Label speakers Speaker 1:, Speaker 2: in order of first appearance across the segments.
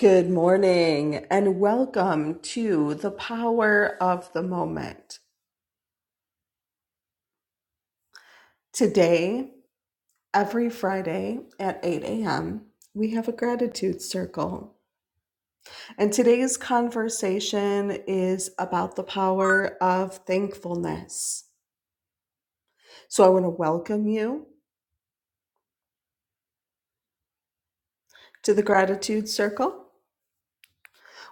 Speaker 1: Good morning and welcome to the power of the moment. Today, every Friday at 8 a.m., we have a gratitude circle. And today's conversation is about the power of thankfulness. So I want to welcome you to the gratitude circle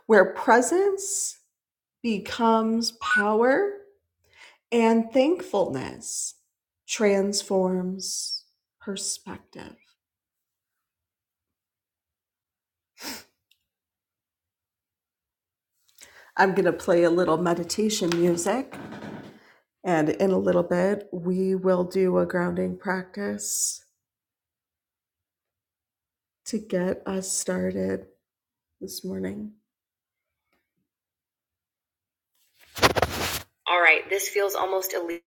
Speaker 1: where presence becomes power and thankfulness transforms perspective. I'm going to play a little meditation music. And in a little bit, we will do a grounding practice to get us started this morning. All right, this feels almost illegal.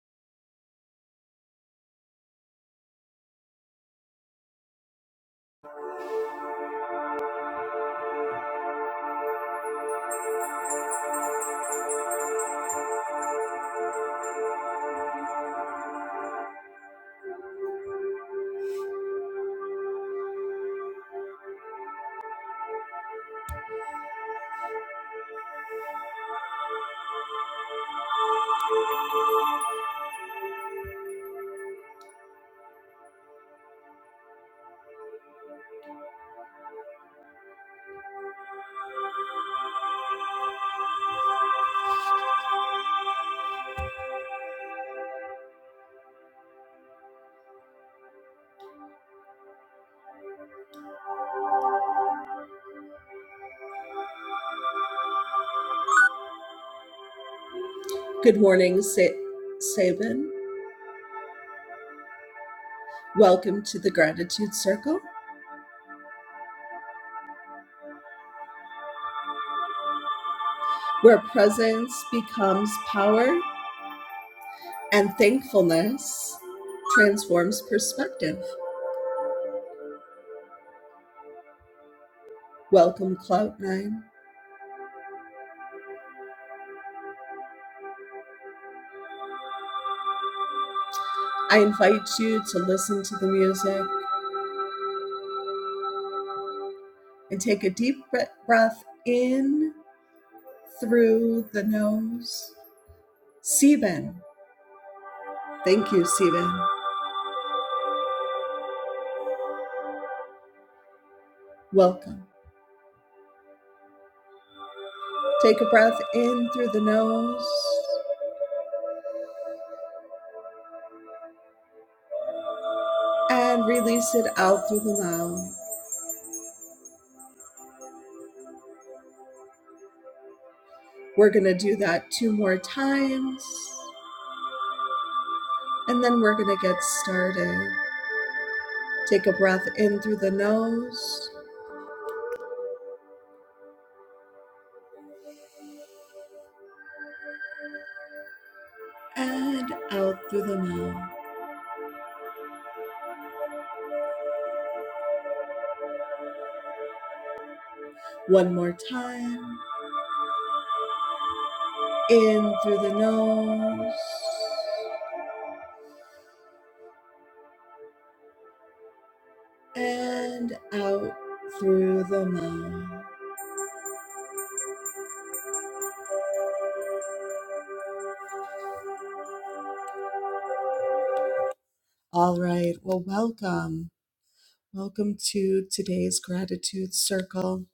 Speaker 1: Good morning, Sa- Sabin. Welcome to the Gratitude Circle, where presence becomes power and thankfulness transforms perspective. Welcome, Cloud Nine. I invite you to listen to the music and take a deep breath in through the nose. Sieben. Thank you, Sieben. Welcome. Take a breath in through the nose and release it out through the mouth. We're going to do that two more times and then we're going to get started. Take a breath in through the nose and out through the mouth. One more time. In through the nose and out through the mouth. All right. Well, welcome. Welcome to today's gratitude circle.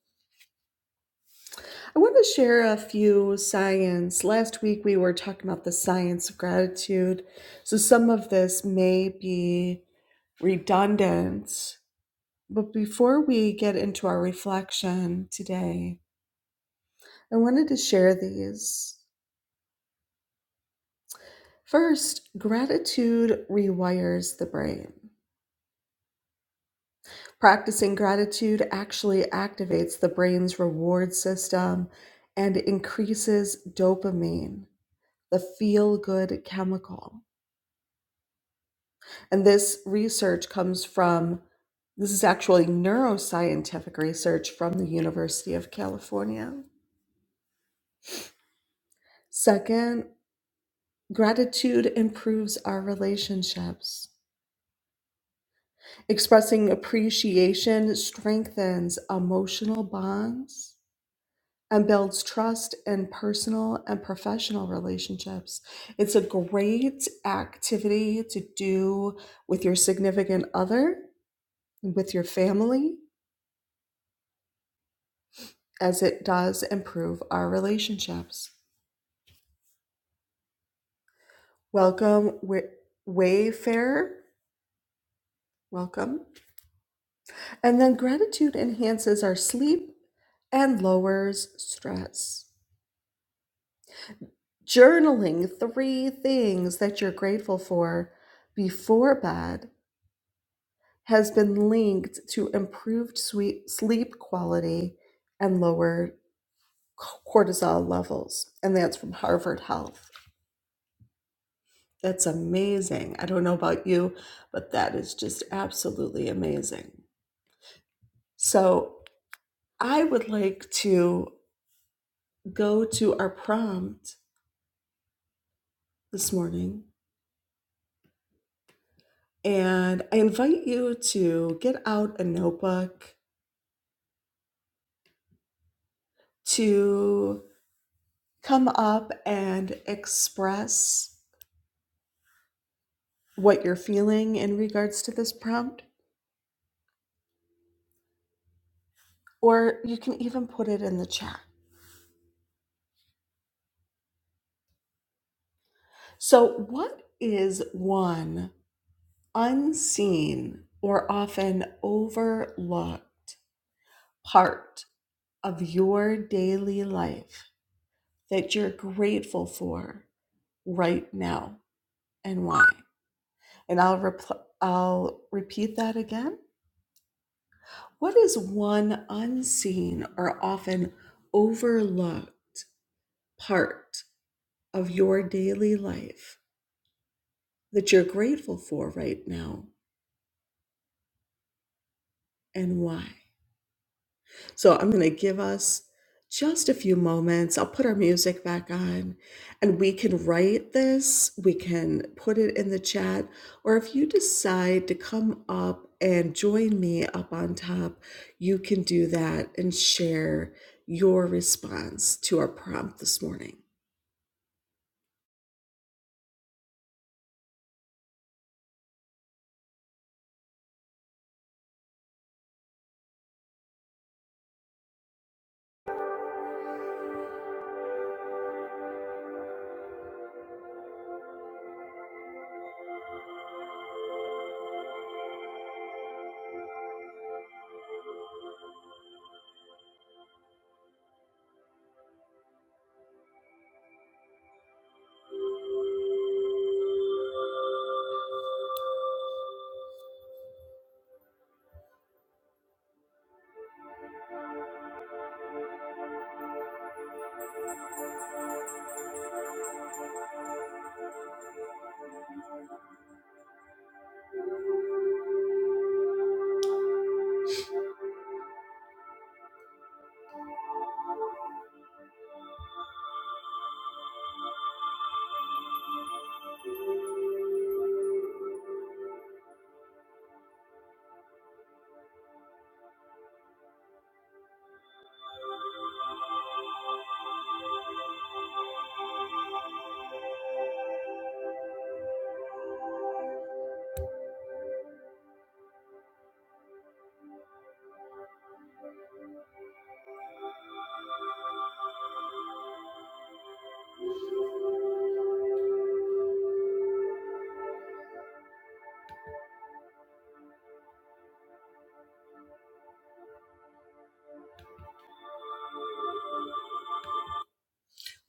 Speaker 1: I want to share a few science. Last week we were talking about the science of gratitude. So some of this may be redundant. But before we get into our reflection today, I wanted to share these. First, gratitude rewires the brain. Practicing gratitude actually activates the brain's reward system and increases dopamine, the feel good chemical. And this research comes from, this is actually neuroscientific research from the University of California. Second, gratitude improves our relationships. Expressing appreciation strengthens emotional bonds and builds trust in personal and professional relationships. It's a great activity to do with your significant other, with your family, as it does improve our relationships. Welcome, Wa- Wayfarer. Welcome. And then gratitude enhances our sleep and lowers stress. Journaling three things that you're grateful for before bed has been linked to improved sweet sleep quality and lower cortisol levels. And that's from Harvard Health. That's amazing. I don't know about you, but that is just absolutely amazing. So I would like to go to our prompt this morning. And I invite you to get out a notebook to come up and express what you're feeling in regards to this prompt, or you can even put it in the chat. So, what is one unseen or often overlooked part of your daily life that you're grateful for right now and why? And I'll, repl- I'll repeat that again. What is one unseen or often overlooked part? of your daily life that you're grateful for right now and why. So I'm going to give us just a few moments. I'll put our music back on and we can write this, we can put it in the chat, or if you decide to come up and join me up on top, you can do that and share your response to our prompt this morning.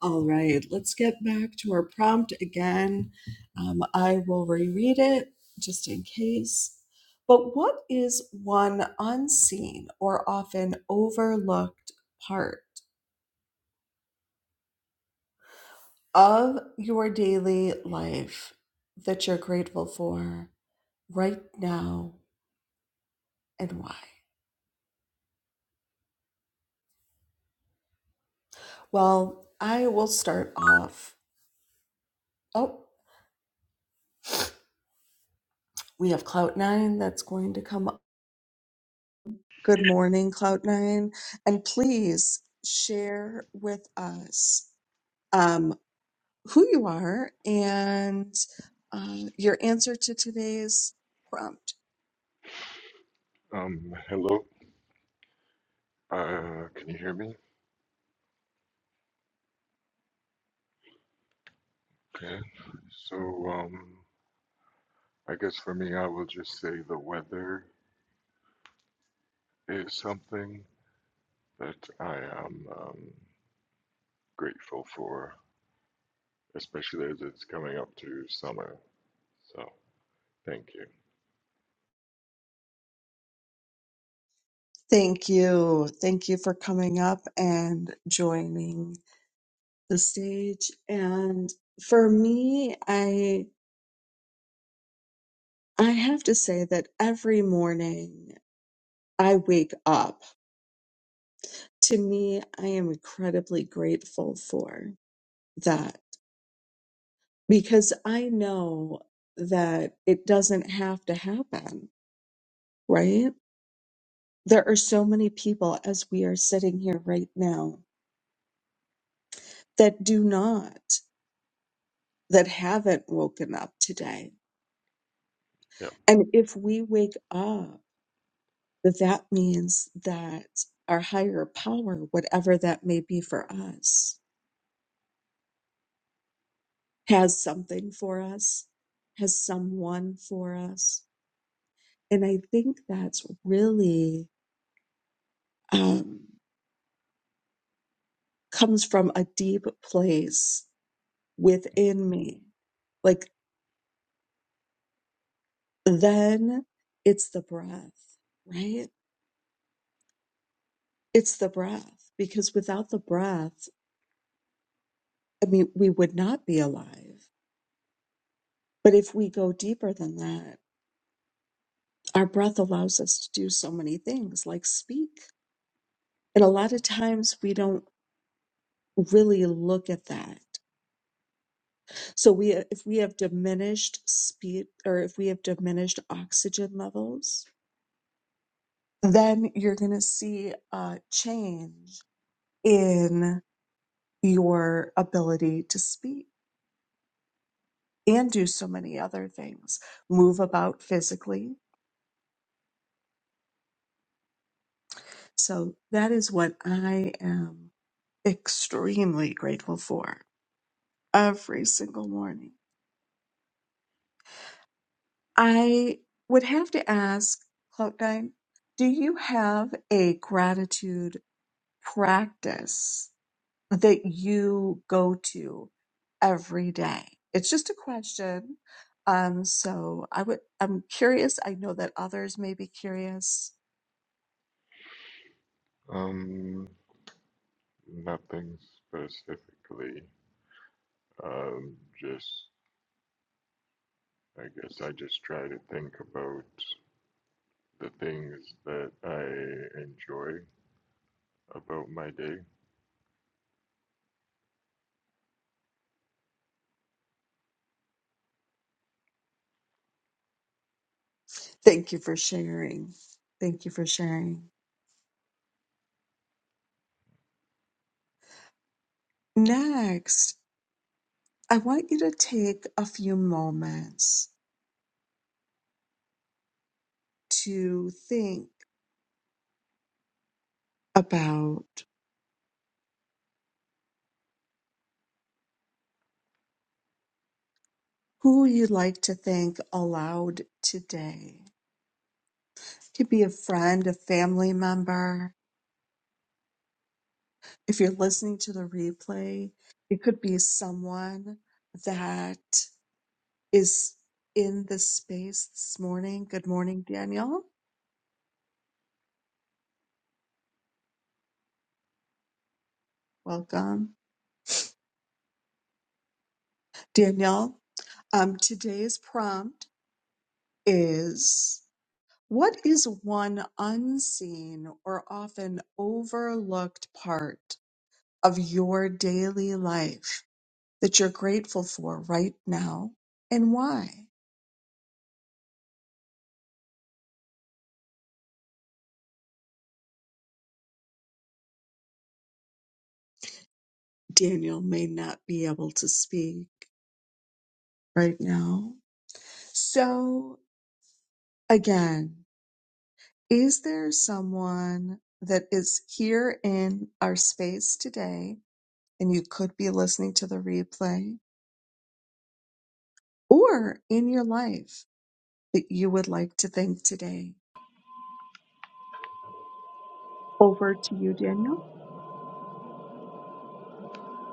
Speaker 1: All right, let's get back to our prompt again. Um, I will reread it just in case. But what is one unseen or often overlooked part of your daily life that you're grateful for right now and why? Well, I will start off. Oh, we have Clout Nine that's going to come Good morning, Cloud9. And please share with us um, who you are and um, your answer to today's prompt.
Speaker 2: Um, hello. Uh, can you hear me? Okay. So, um, I guess for me, I will just say the weather is something that I am um, grateful for, especially as it's coming up to summer. So, thank you.
Speaker 1: Thank you. Thank you for coming up and joining the stage. And for me, I I have to say that every morning I wake up, to me, I am incredibly grateful for that because I know that it doesn't have to happen, right? There are so many people as we are sitting here right now that do not, that haven't woken up today.
Speaker 2: Yeah.
Speaker 1: And if we wake up, that that means that our higher power, whatever that may be for us, has something for us, has someone for us. And I think that's really um, comes from a deep place within me. Like, then it's the breath, right? It's the breath, because without the breath, I mean, we would not be alive. But if we go deeper than that, our breath allows us to do so many things like speak. And a lot of times we don't really look at that So we, if we have diminished speed or if we have diminished oxygen levels, then you're going to see a change in your ability to speak and do so many other things, move about physically. So that is what I am extremely grateful for every single morning. I would have to ask, Cloak Nine, do you have a gratitude? practice that you go to every day? It's just a question. Um, so I would, I'm curious. I know that others may be curious.
Speaker 2: Um, nothing specifically. Um, just, I guess I just try to think about the things that I enjoy about my day.
Speaker 1: Thank you for sharing. Thank you for sharing. Next, I want you to take a few moments to think about who you'd like to thank aloud today. It could be a friend, a family member, if you're listening to the replay, it could be someone that is in this space this morning. Good morning, Danielle. Welcome, Danielle. Um, today's prompt is What is one unseen or often overlooked part of your daily life that you're grateful for right now and why? Daniel may not be able to speak right now. So again, is there someone that is here in our space today and you could be listening to the replay or in your life that you would like to thank today? Over to you, Daniel.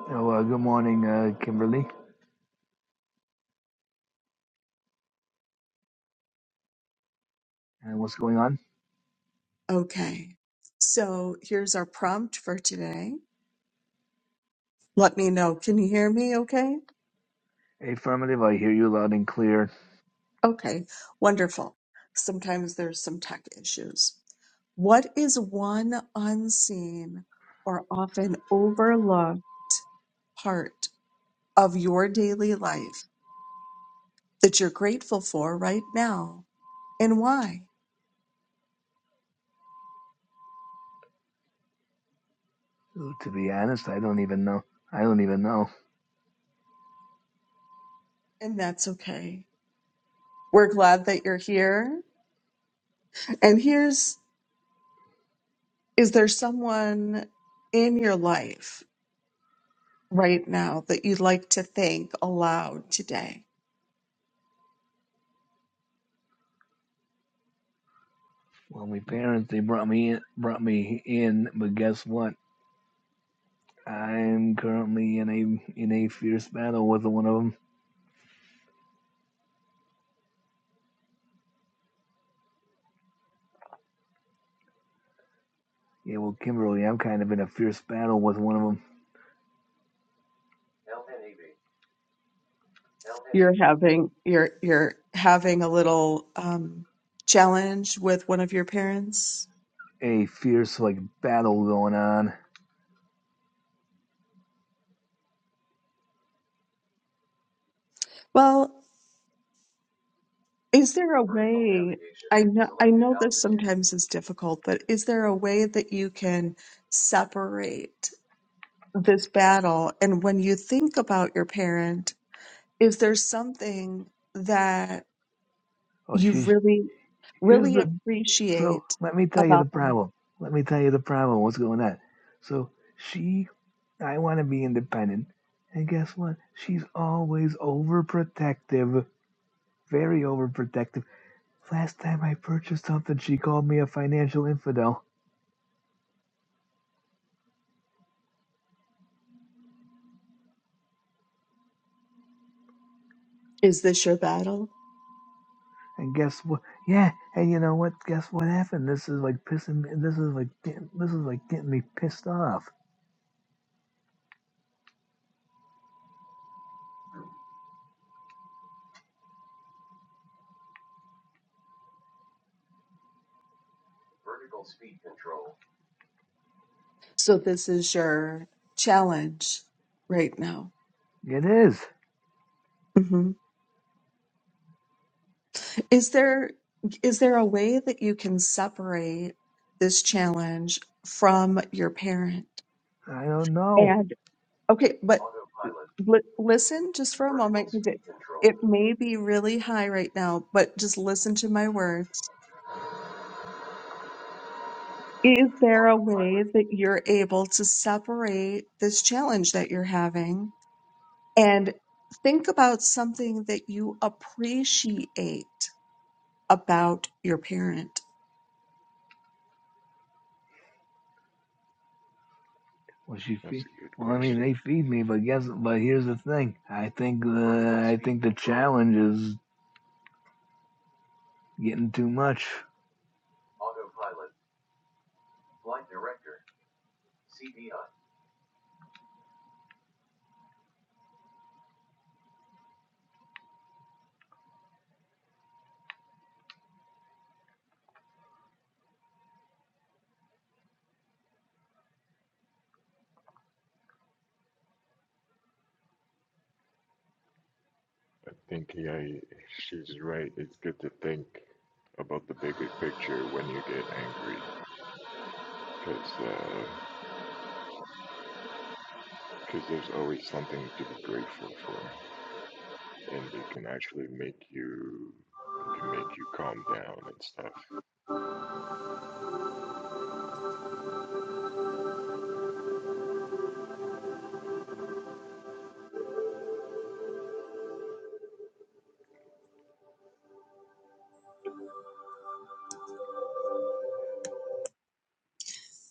Speaker 3: Oh, uh, good morning, uh, Kimberly. And what's going on?
Speaker 1: Okay. So here's our prompt for today. Let me know. Can you hear me okay?
Speaker 3: Affirmative. I hear you loud and clear.
Speaker 1: Okay, wonderful. Sometimes there's some tech issues. What is one unseen or often overlooked part of your daily life that you're grateful for right now and why?
Speaker 3: Ooh, to be honest, I don't even know. I don't even know.
Speaker 1: And that's okay. We're glad that you're here. And here's is there someone in your life right now that you'd like to thank aloud today?
Speaker 3: Well, my parents they brought me in, brought me in, but guess what? I'm currently in a in a fierce battle with one of them. Yeah, well, Kimberly, I'm kind of in a fierce battle with one of them.
Speaker 1: you're having you're you're having a little um, challenge with one of your parents.
Speaker 3: A fierce like battle going on.
Speaker 1: Well, is there a way? I know I know this sometimes is difficult, but is there a way that you can separate this battle? And when you think about your parent, is there something that
Speaker 3: Oh,
Speaker 1: you
Speaker 3: she's
Speaker 1: really,
Speaker 3: here's
Speaker 1: really
Speaker 3: the. So
Speaker 1: appreciate
Speaker 3: let me tell you the
Speaker 1: about them.
Speaker 3: problem. Let me tell you the problem. What's going on? So she I want to be independent. And guess what? She's always overprotective, very overprotective. Last time I purchased something, she called me a financial infidel.
Speaker 1: Is this your battle?
Speaker 3: And guess what? Yeah, and you know what? Guess what happened? This is like pissing me. This is like getting- this is like getting me pissed off.
Speaker 1: So this is your challenge right now.
Speaker 3: It is.
Speaker 1: hmm Is there is there a way that you can separate this challenge from your parent?
Speaker 3: I don't know.
Speaker 1: And okay, but li- listen just for a moment because it it may be really high right now, but just listen to my words. Is there a way that you're able to separate this challenge that you're having and think about something that you appreciate about your parent?
Speaker 3: Well, she
Speaker 2: That's
Speaker 3: feed.
Speaker 2: a good
Speaker 3: Well, I mean,
Speaker 2: question.
Speaker 3: they feed me, but guess. But here's the thing. I think the I think the challenge is getting too much.
Speaker 2: I think yeah, she's right. It's good to think about the bigger picture when you get angry, because because there's always something to be grateful for, and it can actually make you it can make you calm down and stuff.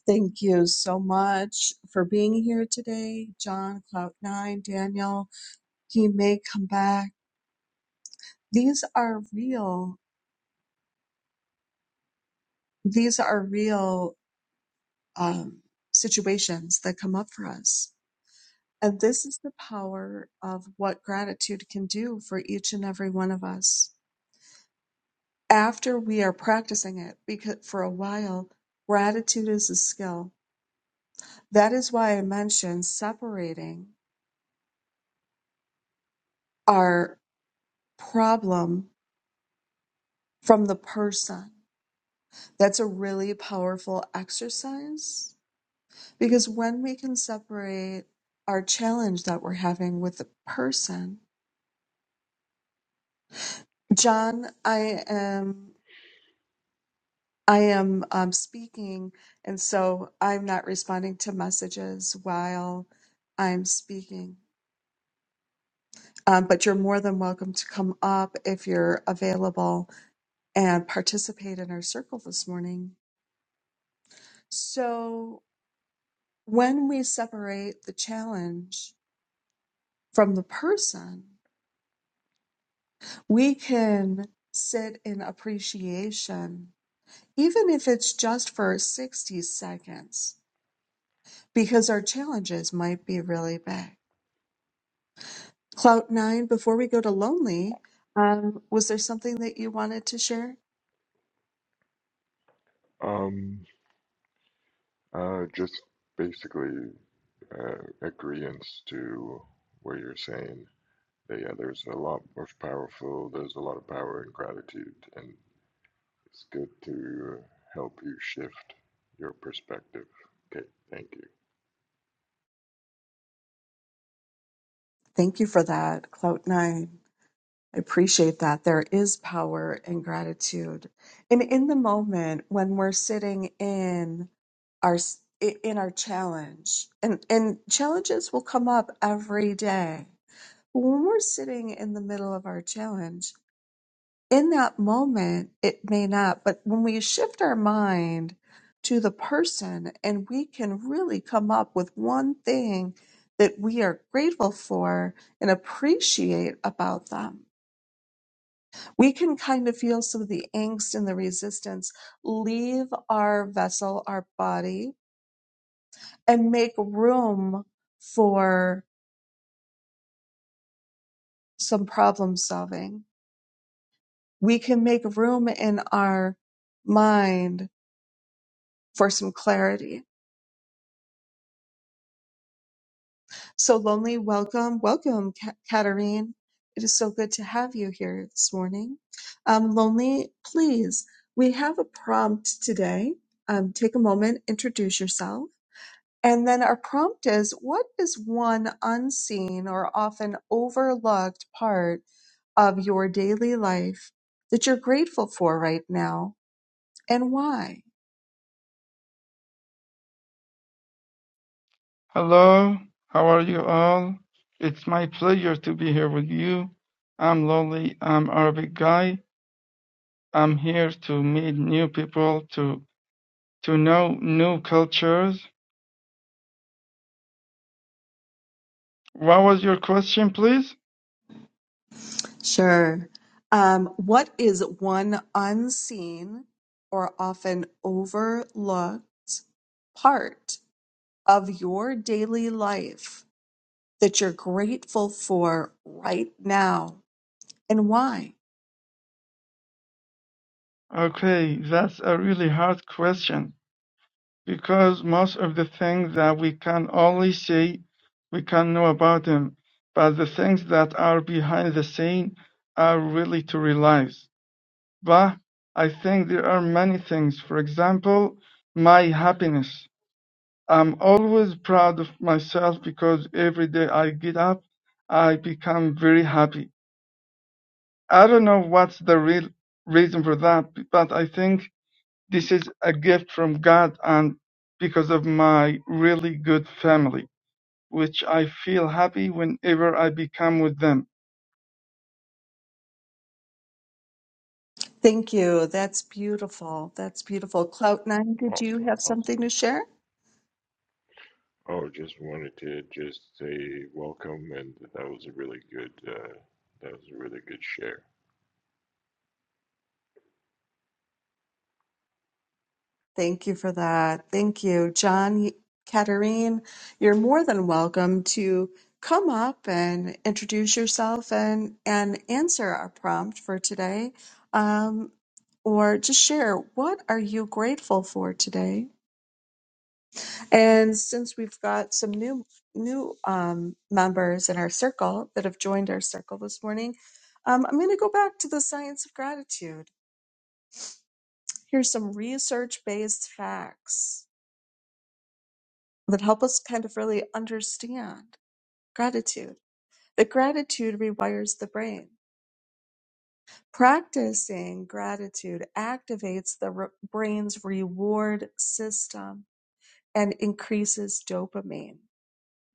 Speaker 1: Thank you so much for being here today, John, Cloud9, Daniel. he may come back. These are real. These are real um, situations that come up for us. And this is the power of what gratitude can do for each and every one of us. After we are practicing it, because for a while, gratitude is a skill. That is why I mentioned separating our problem from the person. That's a really powerful exercise Because when we can separate our challenge that we're having with the person, John, I am I am um, speaking, and so I'm not responding to messages while I'm speaking. Um, but you're more than welcome to come up if you're available and participate in our circle this morning. So when we separate the challenge from the person, we can sit in appreciation, even if it's just for 60 seconds, because our challenges might be really big. Clout Nine, before we go to Lonely, um, was there something that you wanted to share?
Speaker 2: Um, uh, just basically uh, agreeance to what you're saying. That, yeah, there's a lot more powerful. There's a lot of power in gratitude, and It's good to uh, help you shift your perspective. Okay, thank you.
Speaker 1: Thank you for that, Clout Nine. I appreciate that. There is power in gratitude. And in the moment when we're sitting in our s- i- in our challenge and and challenges will come up every day when we're sitting in the middle of our challenge, in that moment, it may not, but when we shift our mind to the person and we can really come up with one thing that we are grateful for and appreciate about them, we can kind of feel some of the angst and the resistance leave our vessel, our body, and make room for some problem solving we can make room in our mind for some clarity. So, Lonely, welcome, welcome, Ka- Katarine. It is so good to have you here this morning. Um, Lonely, please, we have a prompt today. Um, take a moment, introduce yourself. And then our prompt is what is one unseen or often overlooked part of your daily life that you're grateful for right now and why?
Speaker 4: Hello, how are you all? It's my pleasure to be here with you. I'm Lolly, I'm Arabic guy. I'm here to meet new people, to to know new cultures. What was your question, please?
Speaker 1: Sure. Um, what is one unseen or often overlooked part of your daily life that you're grateful for right now and why?
Speaker 4: Okay, that's a really hard question because most of the things that we can only see, we can know about them, but the things that are behind the scene are really to realize. But I think there are many things, for example, my happiness. I'm always proud of myself because every day I get up, I become very happy. I don't know what's the real reason for that, but I think this is a gift from God and because of my really good family, which I feel happy whenever I become with them.
Speaker 1: Thank you. That's beautiful. That's beautiful. Clout Nine, did you
Speaker 2: Awesome,
Speaker 1: have something
Speaker 2: awesome.
Speaker 1: to share?
Speaker 2: Oh, just wanted to just say welcome, and that was a really good. Uh, that was a really good share.
Speaker 1: Thank you for that. Thank you, John, Katerine. You're more than welcome to come up and introduce yourself and and answer our prompt for today, um, or just share what are you grateful for today. And since we've got some new new um, members in our circle that have joined our circle this morning, um, I'm going to go back to the science of gratitude. Here's some research based facts that help us kind of really understand gratitude. That gratitude rewires the brain. Practicing gratitude activates the re- brain's reward system and increases dopamine,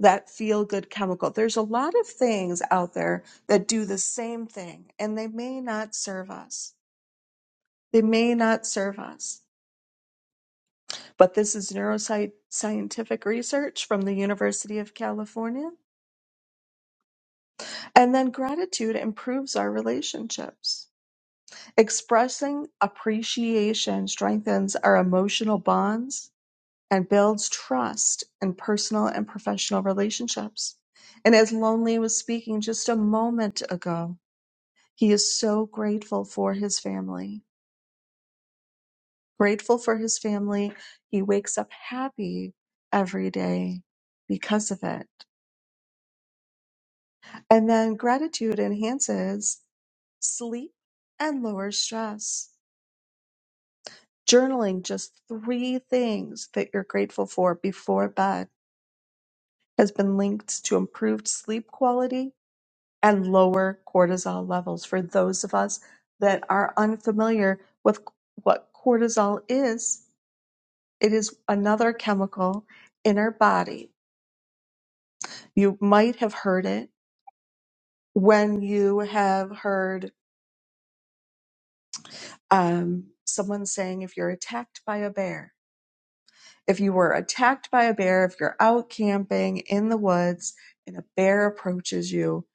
Speaker 1: that feel good chemical. There's a lot of things out there that do the same thing, and they may not serve us. They may not serve us. But this is neuroscientific research from the University of California And then gratitude improves our relationships. Expressing appreciation strengthens our emotional bonds and builds trust in personal and professional relationships. And as Lonely was speaking just a moment ago, he is so grateful for his family. Grateful for his family. He wakes up happy every day because of it. And then gratitude enhances sleep and lowers stress. Journaling just three things that you're grateful for before bed has been linked to improved sleep quality and lower cortisol levels for those of us that are unfamiliar with what cortisol is. It is another chemical in our body. You might have heard it when you have heard um, someone saying if you're attacked by a bear, If you were attacked by a bear, if you're out camping in the woods and a bear approaches you,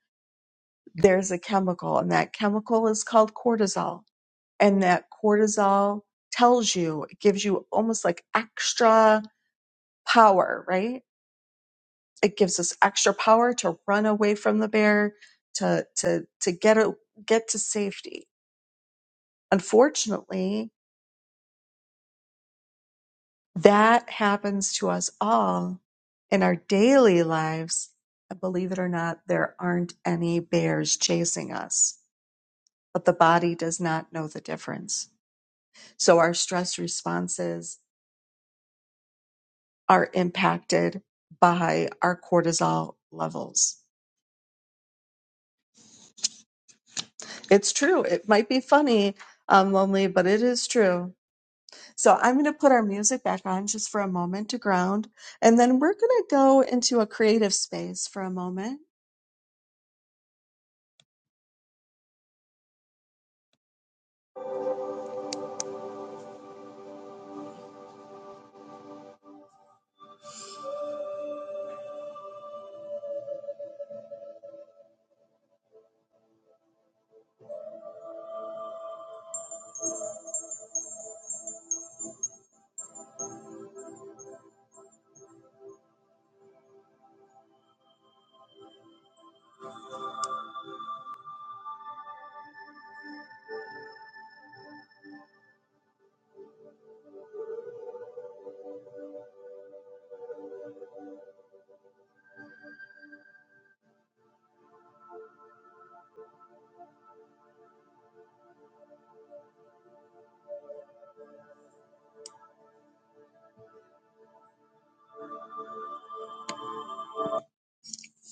Speaker 1: there's a chemical, and that chemical is called cortisol. And that cortisol tells you, it gives you almost like extra power, right? It gives us extra power to run away from the bear, to to to get a, get to safety. Unfortunately, That happens to us all in our daily lives. And believe it or not, there aren't any bears chasing us, but the body does not know the difference. So our stress responses are impacted by our cortisol levels. It's true. It might be funny, um, lonely, but it is true So I'm going to put our music back on just for a moment to ground, and then we're going to go into a creative space for a moment.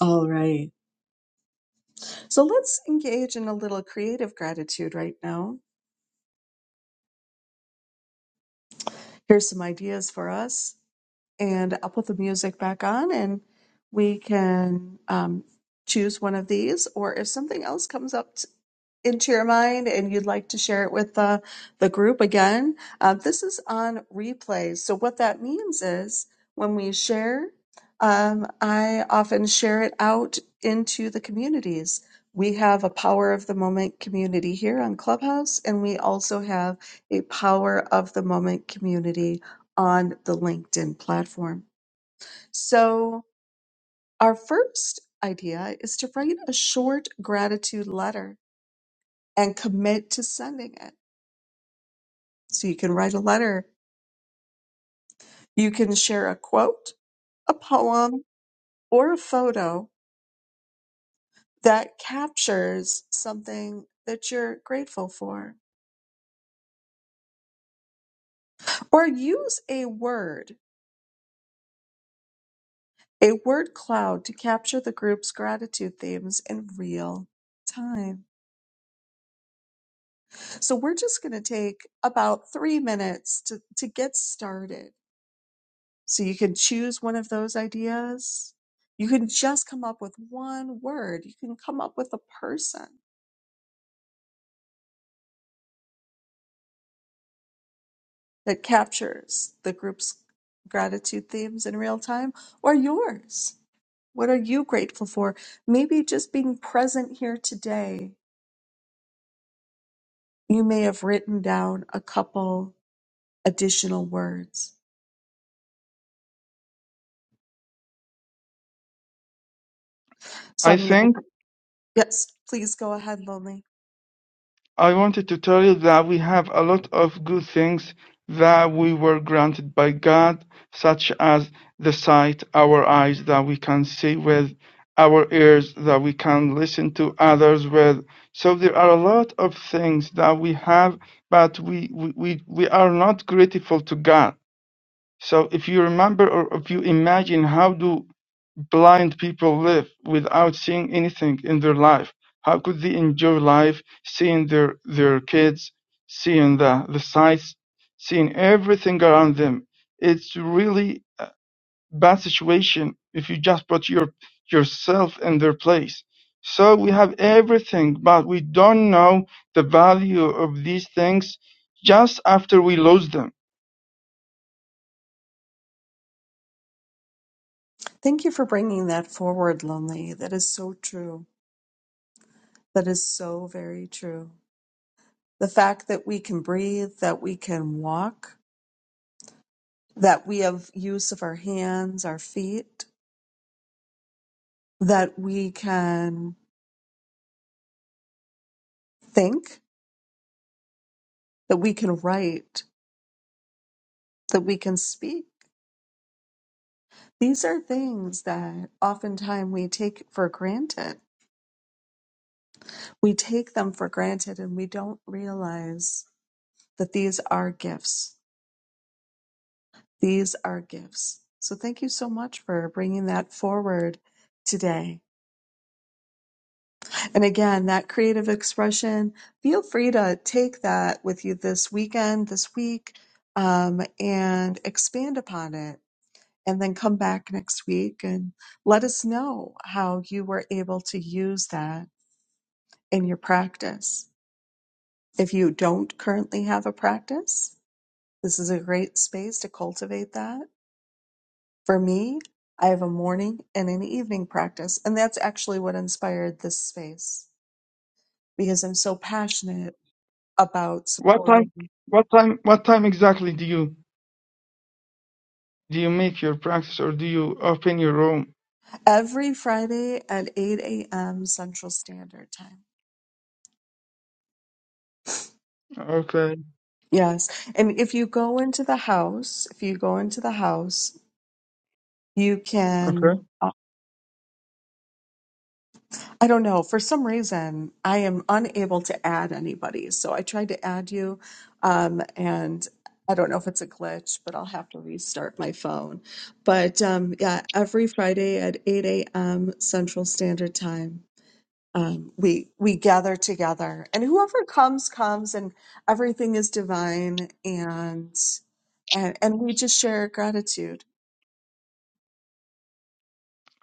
Speaker 1: All right. So let's engage in a little creative gratitude right now. Here's some ideas for us. and I'll put the music back on and we can um, choose one of these. Or if something else comes up t- into your mind and you'd like to share it with the, the group again, uh, this is on replay. So, what that means is when we share, um, I often share it out into the communities. We have a power of the moment community here on Clubhouse, and we also have a power of the moment community on the LinkedIn platform. So, our first idea is to write a short gratitude letter and commit to sending it. So, you can write a letter, you can share a quote, a poem, or a photo that captures something that you're grateful for, or use a word, a word cloud to capture the group's gratitude themes in real time. So we're just going to take about three minutes to, to get started. So you can choose one of those ideas. You can just come up with one word. You can come up with a person that captures the group's gratitude themes in real time or yours. What are you grateful for? Maybe just being present here today, you may have written down a couple additional words. So
Speaker 4: I
Speaker 1: I'm going
Speaker 4: think
Speaker 1: to, yes, please go ahead, Lonely.
Speaker 4: I wanted to tell you that we have a lot of good things that we were granted by God, such as the sight, our eyes that we can see with, our ears that we can listen to others with. So there are a lot of things that we have, but we, we, we, we are not grateful to God. So if you remember or if you imagine how do blind people live without seeing anything in their life, how could they enjoy life seeing their, their kids, seeing the, the sights, seeing everything around them? It's really a bad situation if you just put your yourself in their place. So we have everything, but we don't know the value of these things just after we lose them
Speaker 1: Thank you for bringing that forward, Lonely. That is so true. That is so very true. The fact that we can breathe, that we can walk, that we have use of our hands, our feet, that we can think, that we can write, that we can speak. These are things that oftentimes we take for granted. We take them for granted and we don't realize that these are gifts These are gifts. So thank you so much for bringing that forward today. And again, that creative expression, feel free to take that with you this weekend, this week, um, and expand upon it. And then come back next week and let us know how you were able to use that in your practice. If you don't currently have a practice, this is a great space to cultivate that For me, I have a morning and an evening practice, and that's actually what inspired this space because I'm so passionate about
Speaker 4: What time,
Speaker 1: supporting
Speaker 4: what time, what time exactly do you do you make your practice or do you open your room?
Speaker 1: every Friday at 8 a.m. Central Standard Time.
Speaker 4: Okay,
Speaker 1: Yes. And if you go into the house, if you go into the house, you can.
Speaker 4: okay,
Speaker 1: I don't know. For some reason, I am unable to add anybody. So I tried to add you, um, and I don't know if it's a glitch, but I'll have to restart my phone. But um, yeah, every Friday at 8 a.m. Central Standard Time, um, we we gather together, and whoever comes comes, and everything is divine, and and, and we just share gratitude.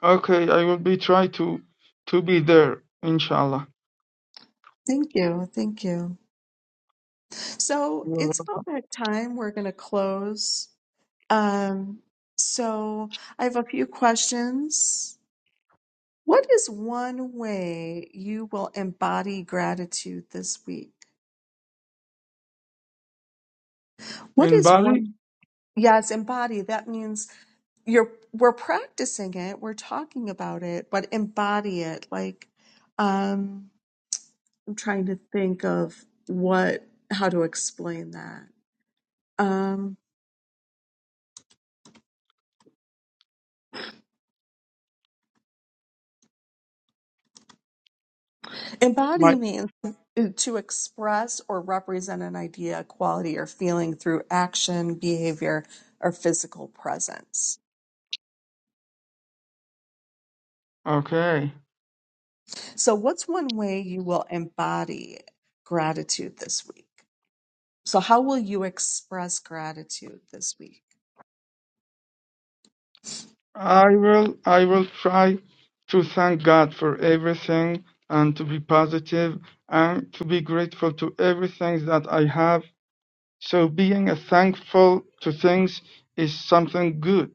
Speaker 4: okay. I will be try to to be there, inshallah.
Speaker 1: Thank you, thank you. So
Speaker 4: Well,
Speaker 1: it's about that time. We're going to close. Um, so I have a few questions. What is one way you will embody gratitude this week? What
Speaker 4: In
Speaker 1: is
Speaker 4: Bali,
Speaker 1: one? Yes, embody. That means you're we're practicing it, we're talking about it, but embody it. Like, um, I'm trying to think of what how to explain that. Um. Embody
Speaker 4: my
Speaker 1: means to express or represent an idea, quality, or feeling through action, behavior, or physical presence.
Speaker 4: okay.
Speaker 1: So, what's one way you will embody gratitude this week? So, how will you express gratitude this week?
Speaker 4: I will I will try to thank God for everything and to be positive and to be grateful to everything that I have. So being a thankful to things is something good.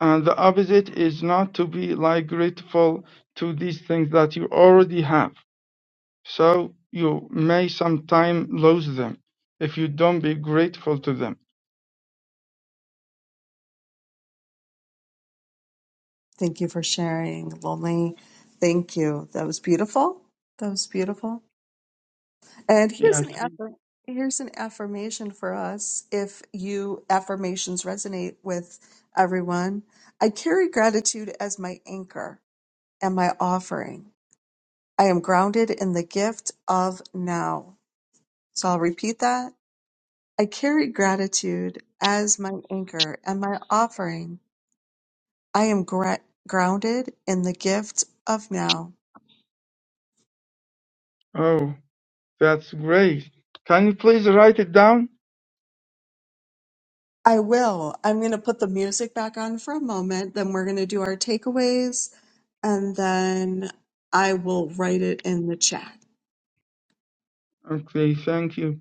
Speaker 4: And the opposite is not to be like grateful to these things that you already have. So you may sometime lose them if you don't be grateful to them.
Speaker 1: Thank you for sharing, Lonely. Thank you. That was beautiful. That was beautiful. And here's
Speaker 4: Yes.
Speaker 1: an affir- here's an affirmation for us if you affirmations resonate with everyone. I carry gratitude as my anchor and my offering. I am grounded in the gift of now. So I'll repeat that. I carry gratitude as my anchor and my offering. I am gra- grounded in the gift of now.
Speaker 4: Oh, that's great. Can you please write it down?
Speaker 1: I will. I'm going to put the music back on for a moment. Then we're going to do our takeaways. And then I will write it in the chat.
Speaker 4: Okay, thank you.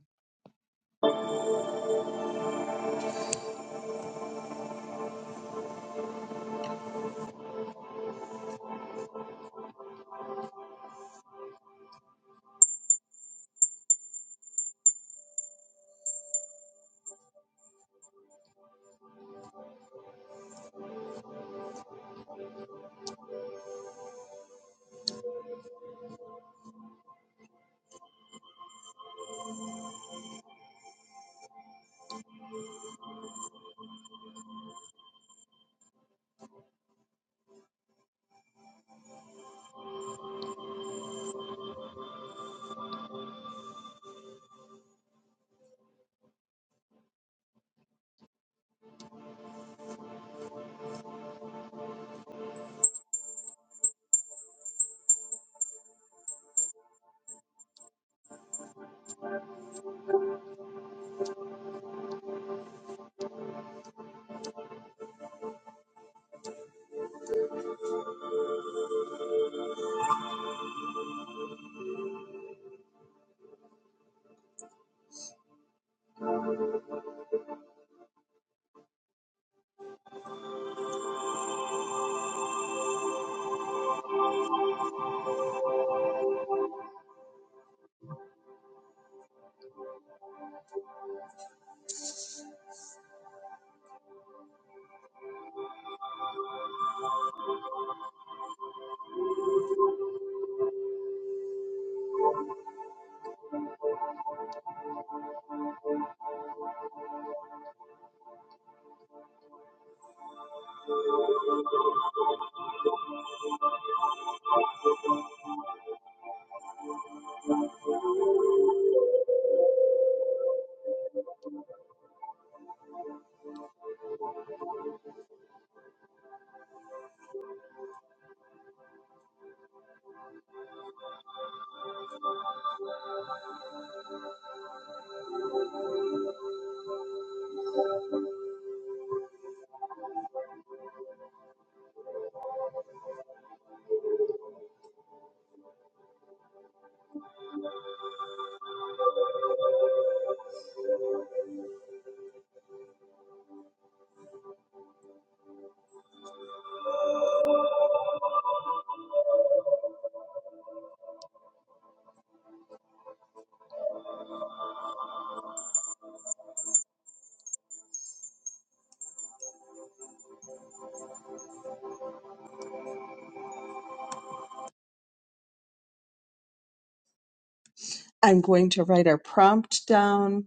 Speaker 1: I'm going to write our prompt down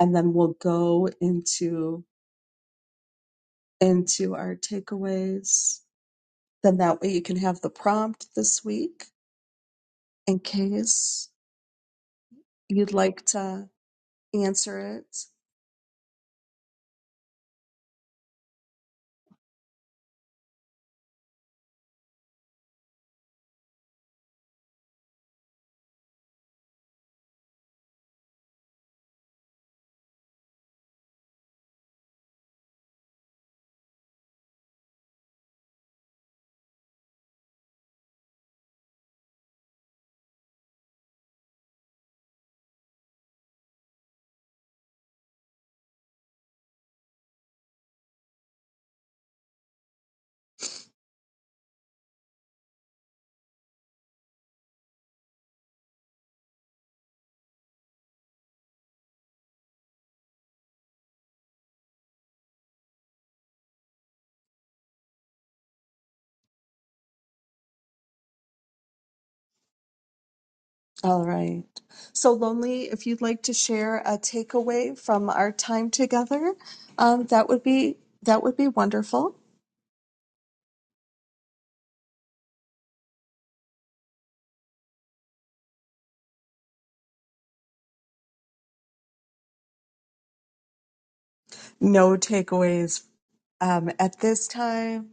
Speaker 1: and then we'll go into into our takeaways. Then that way you can have the prompt this week in case you'd like to answer it. All right. So, Lonely, if you'd like to share a takeaway from our time together, um, that would be that would be wonderful. No takeaways um, at this time.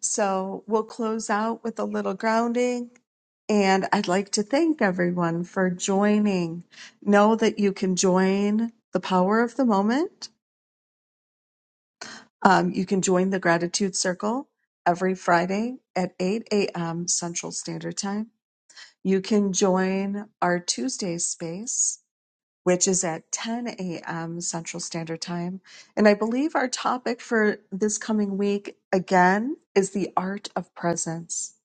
Speaker 1: So we'll close out with a little grounding. And I'd like to thank everyone for joining. Know that you can join the power of the moment. Um, you can join the gratitude circle every Friday at 8 a.m. Central Standard Time You can join our Tuesday space, which is at 10 a.m. Central Standard Time. And I believe our topic for this coming week, again, is the art of presence.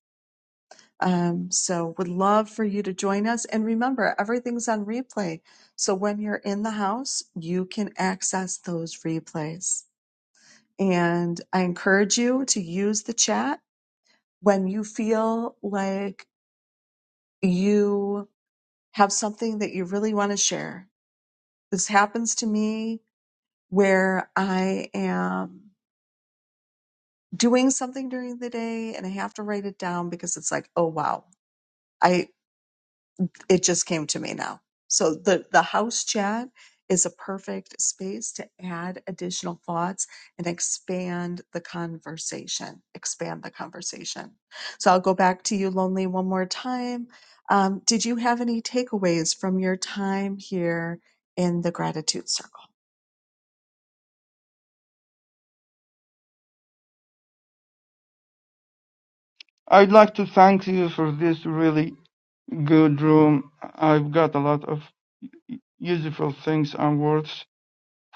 Speaker 1: Um, so, would love for you to join us. And remember, everything's on replay. So, when you're in the house, you can access those replays. And I encourage you to use the chat when you feel like you have something that you really want to share. This happens to me where I am doing something during the day and I have to write it down because it's like, oh wow. I. it just came to me now. So the the house chat is a perfect space to add additional thoughts and expand the conversation. Expand the conversation. So I'll go back to you, lonely, one more time. Um, did you have any takeaways from your time here in the gratitude circle?
Speaker 4: I'd like to thank you for this really good room. I've got a lot of useful things and words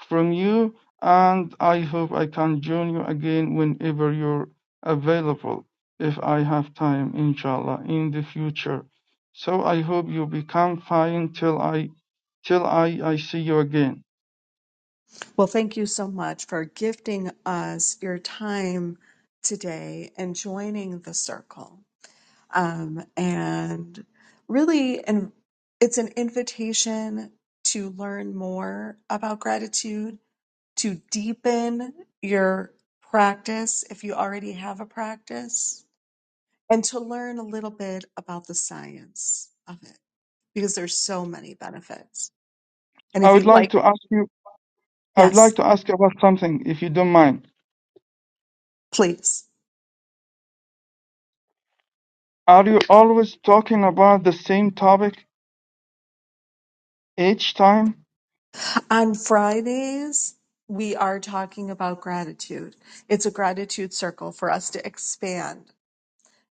Speaker 4: from you, and I hope I can join you again whenever you're available, if I have time, inshallah, in the future. So I hope you become fine till I till I, I see you again.
Speaker 1: Well, thank you so much for gifting us your time today and joining the circle. Um, and really, and it's an invitation to learn more about gratitude, to deepen your practice if you already have a practice, and to learn a little bit about the science of it because there's so many benefits. And
Speaker 4: I
Speaker 1: if
Speaker 4: would
Speaker 1: you'd
Speaker 4: like
Speaker 1: like,
Speaker 4: to ask you I would like
Speaker 1: yes,
Speaker 4: to ask you about something, if you don't mind.
Speaker 1: please.
Speaker 4: Are you always talking about the same topic each time?
Speaker 1: On Fridays, we are talking about gratitude. It's a gratitude circle for us to expand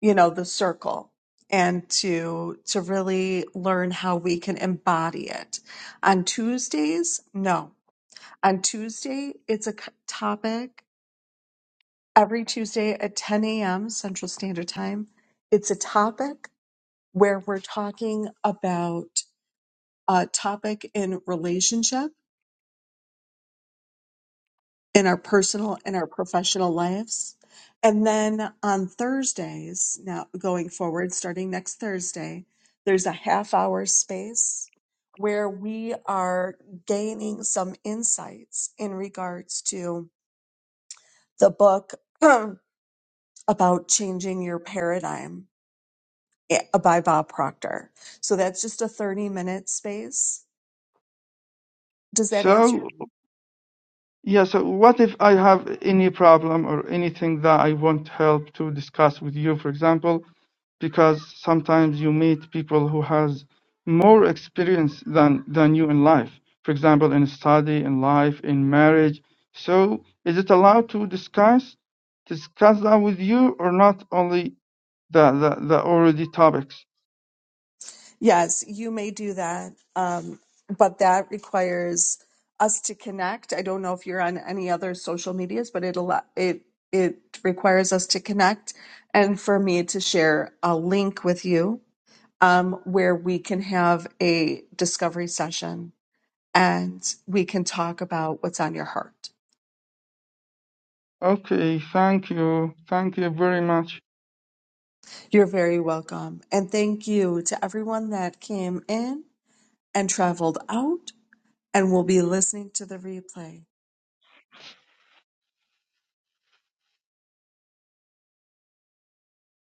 Speaker 1: you know the circle and to to really learn how we can embody it on tuesdays no on tuesday it's a c- topic every tuesday at 10 a.m central standard time it's a topic where we're talking about a topic in relationships in our personal and our professional lives. And then on Thursdays, now going forward, starting next Thursday, there's a half hour space where we are gaining some insights in regards to the book about changing your paradigm eh, by Bob Proctor. So that's just a 30 minute space. Does that answer your
Speaker 4: So yeah, so what if I have any problem or anything that I want help to discuss with you, for example? because sometimes you meet people who has more experience than than you in life for example in study in life in marriage so is it allowed to discuss discuss that with you or not only the the, the already topics
Speaker 1: Yes, you may do that. Um, but that requires us to connect. I don't know if you're on any other social medias, but it allo- it it requires us to connect and for me to share a link with you um, where we can have a discovery session and we can talk about what's on your heart.
Speaker 4: okay thank you thank you very much
Speaker 1: You're very welcome. And thank you to everyone that came in and traveled out and will be listening to the replay.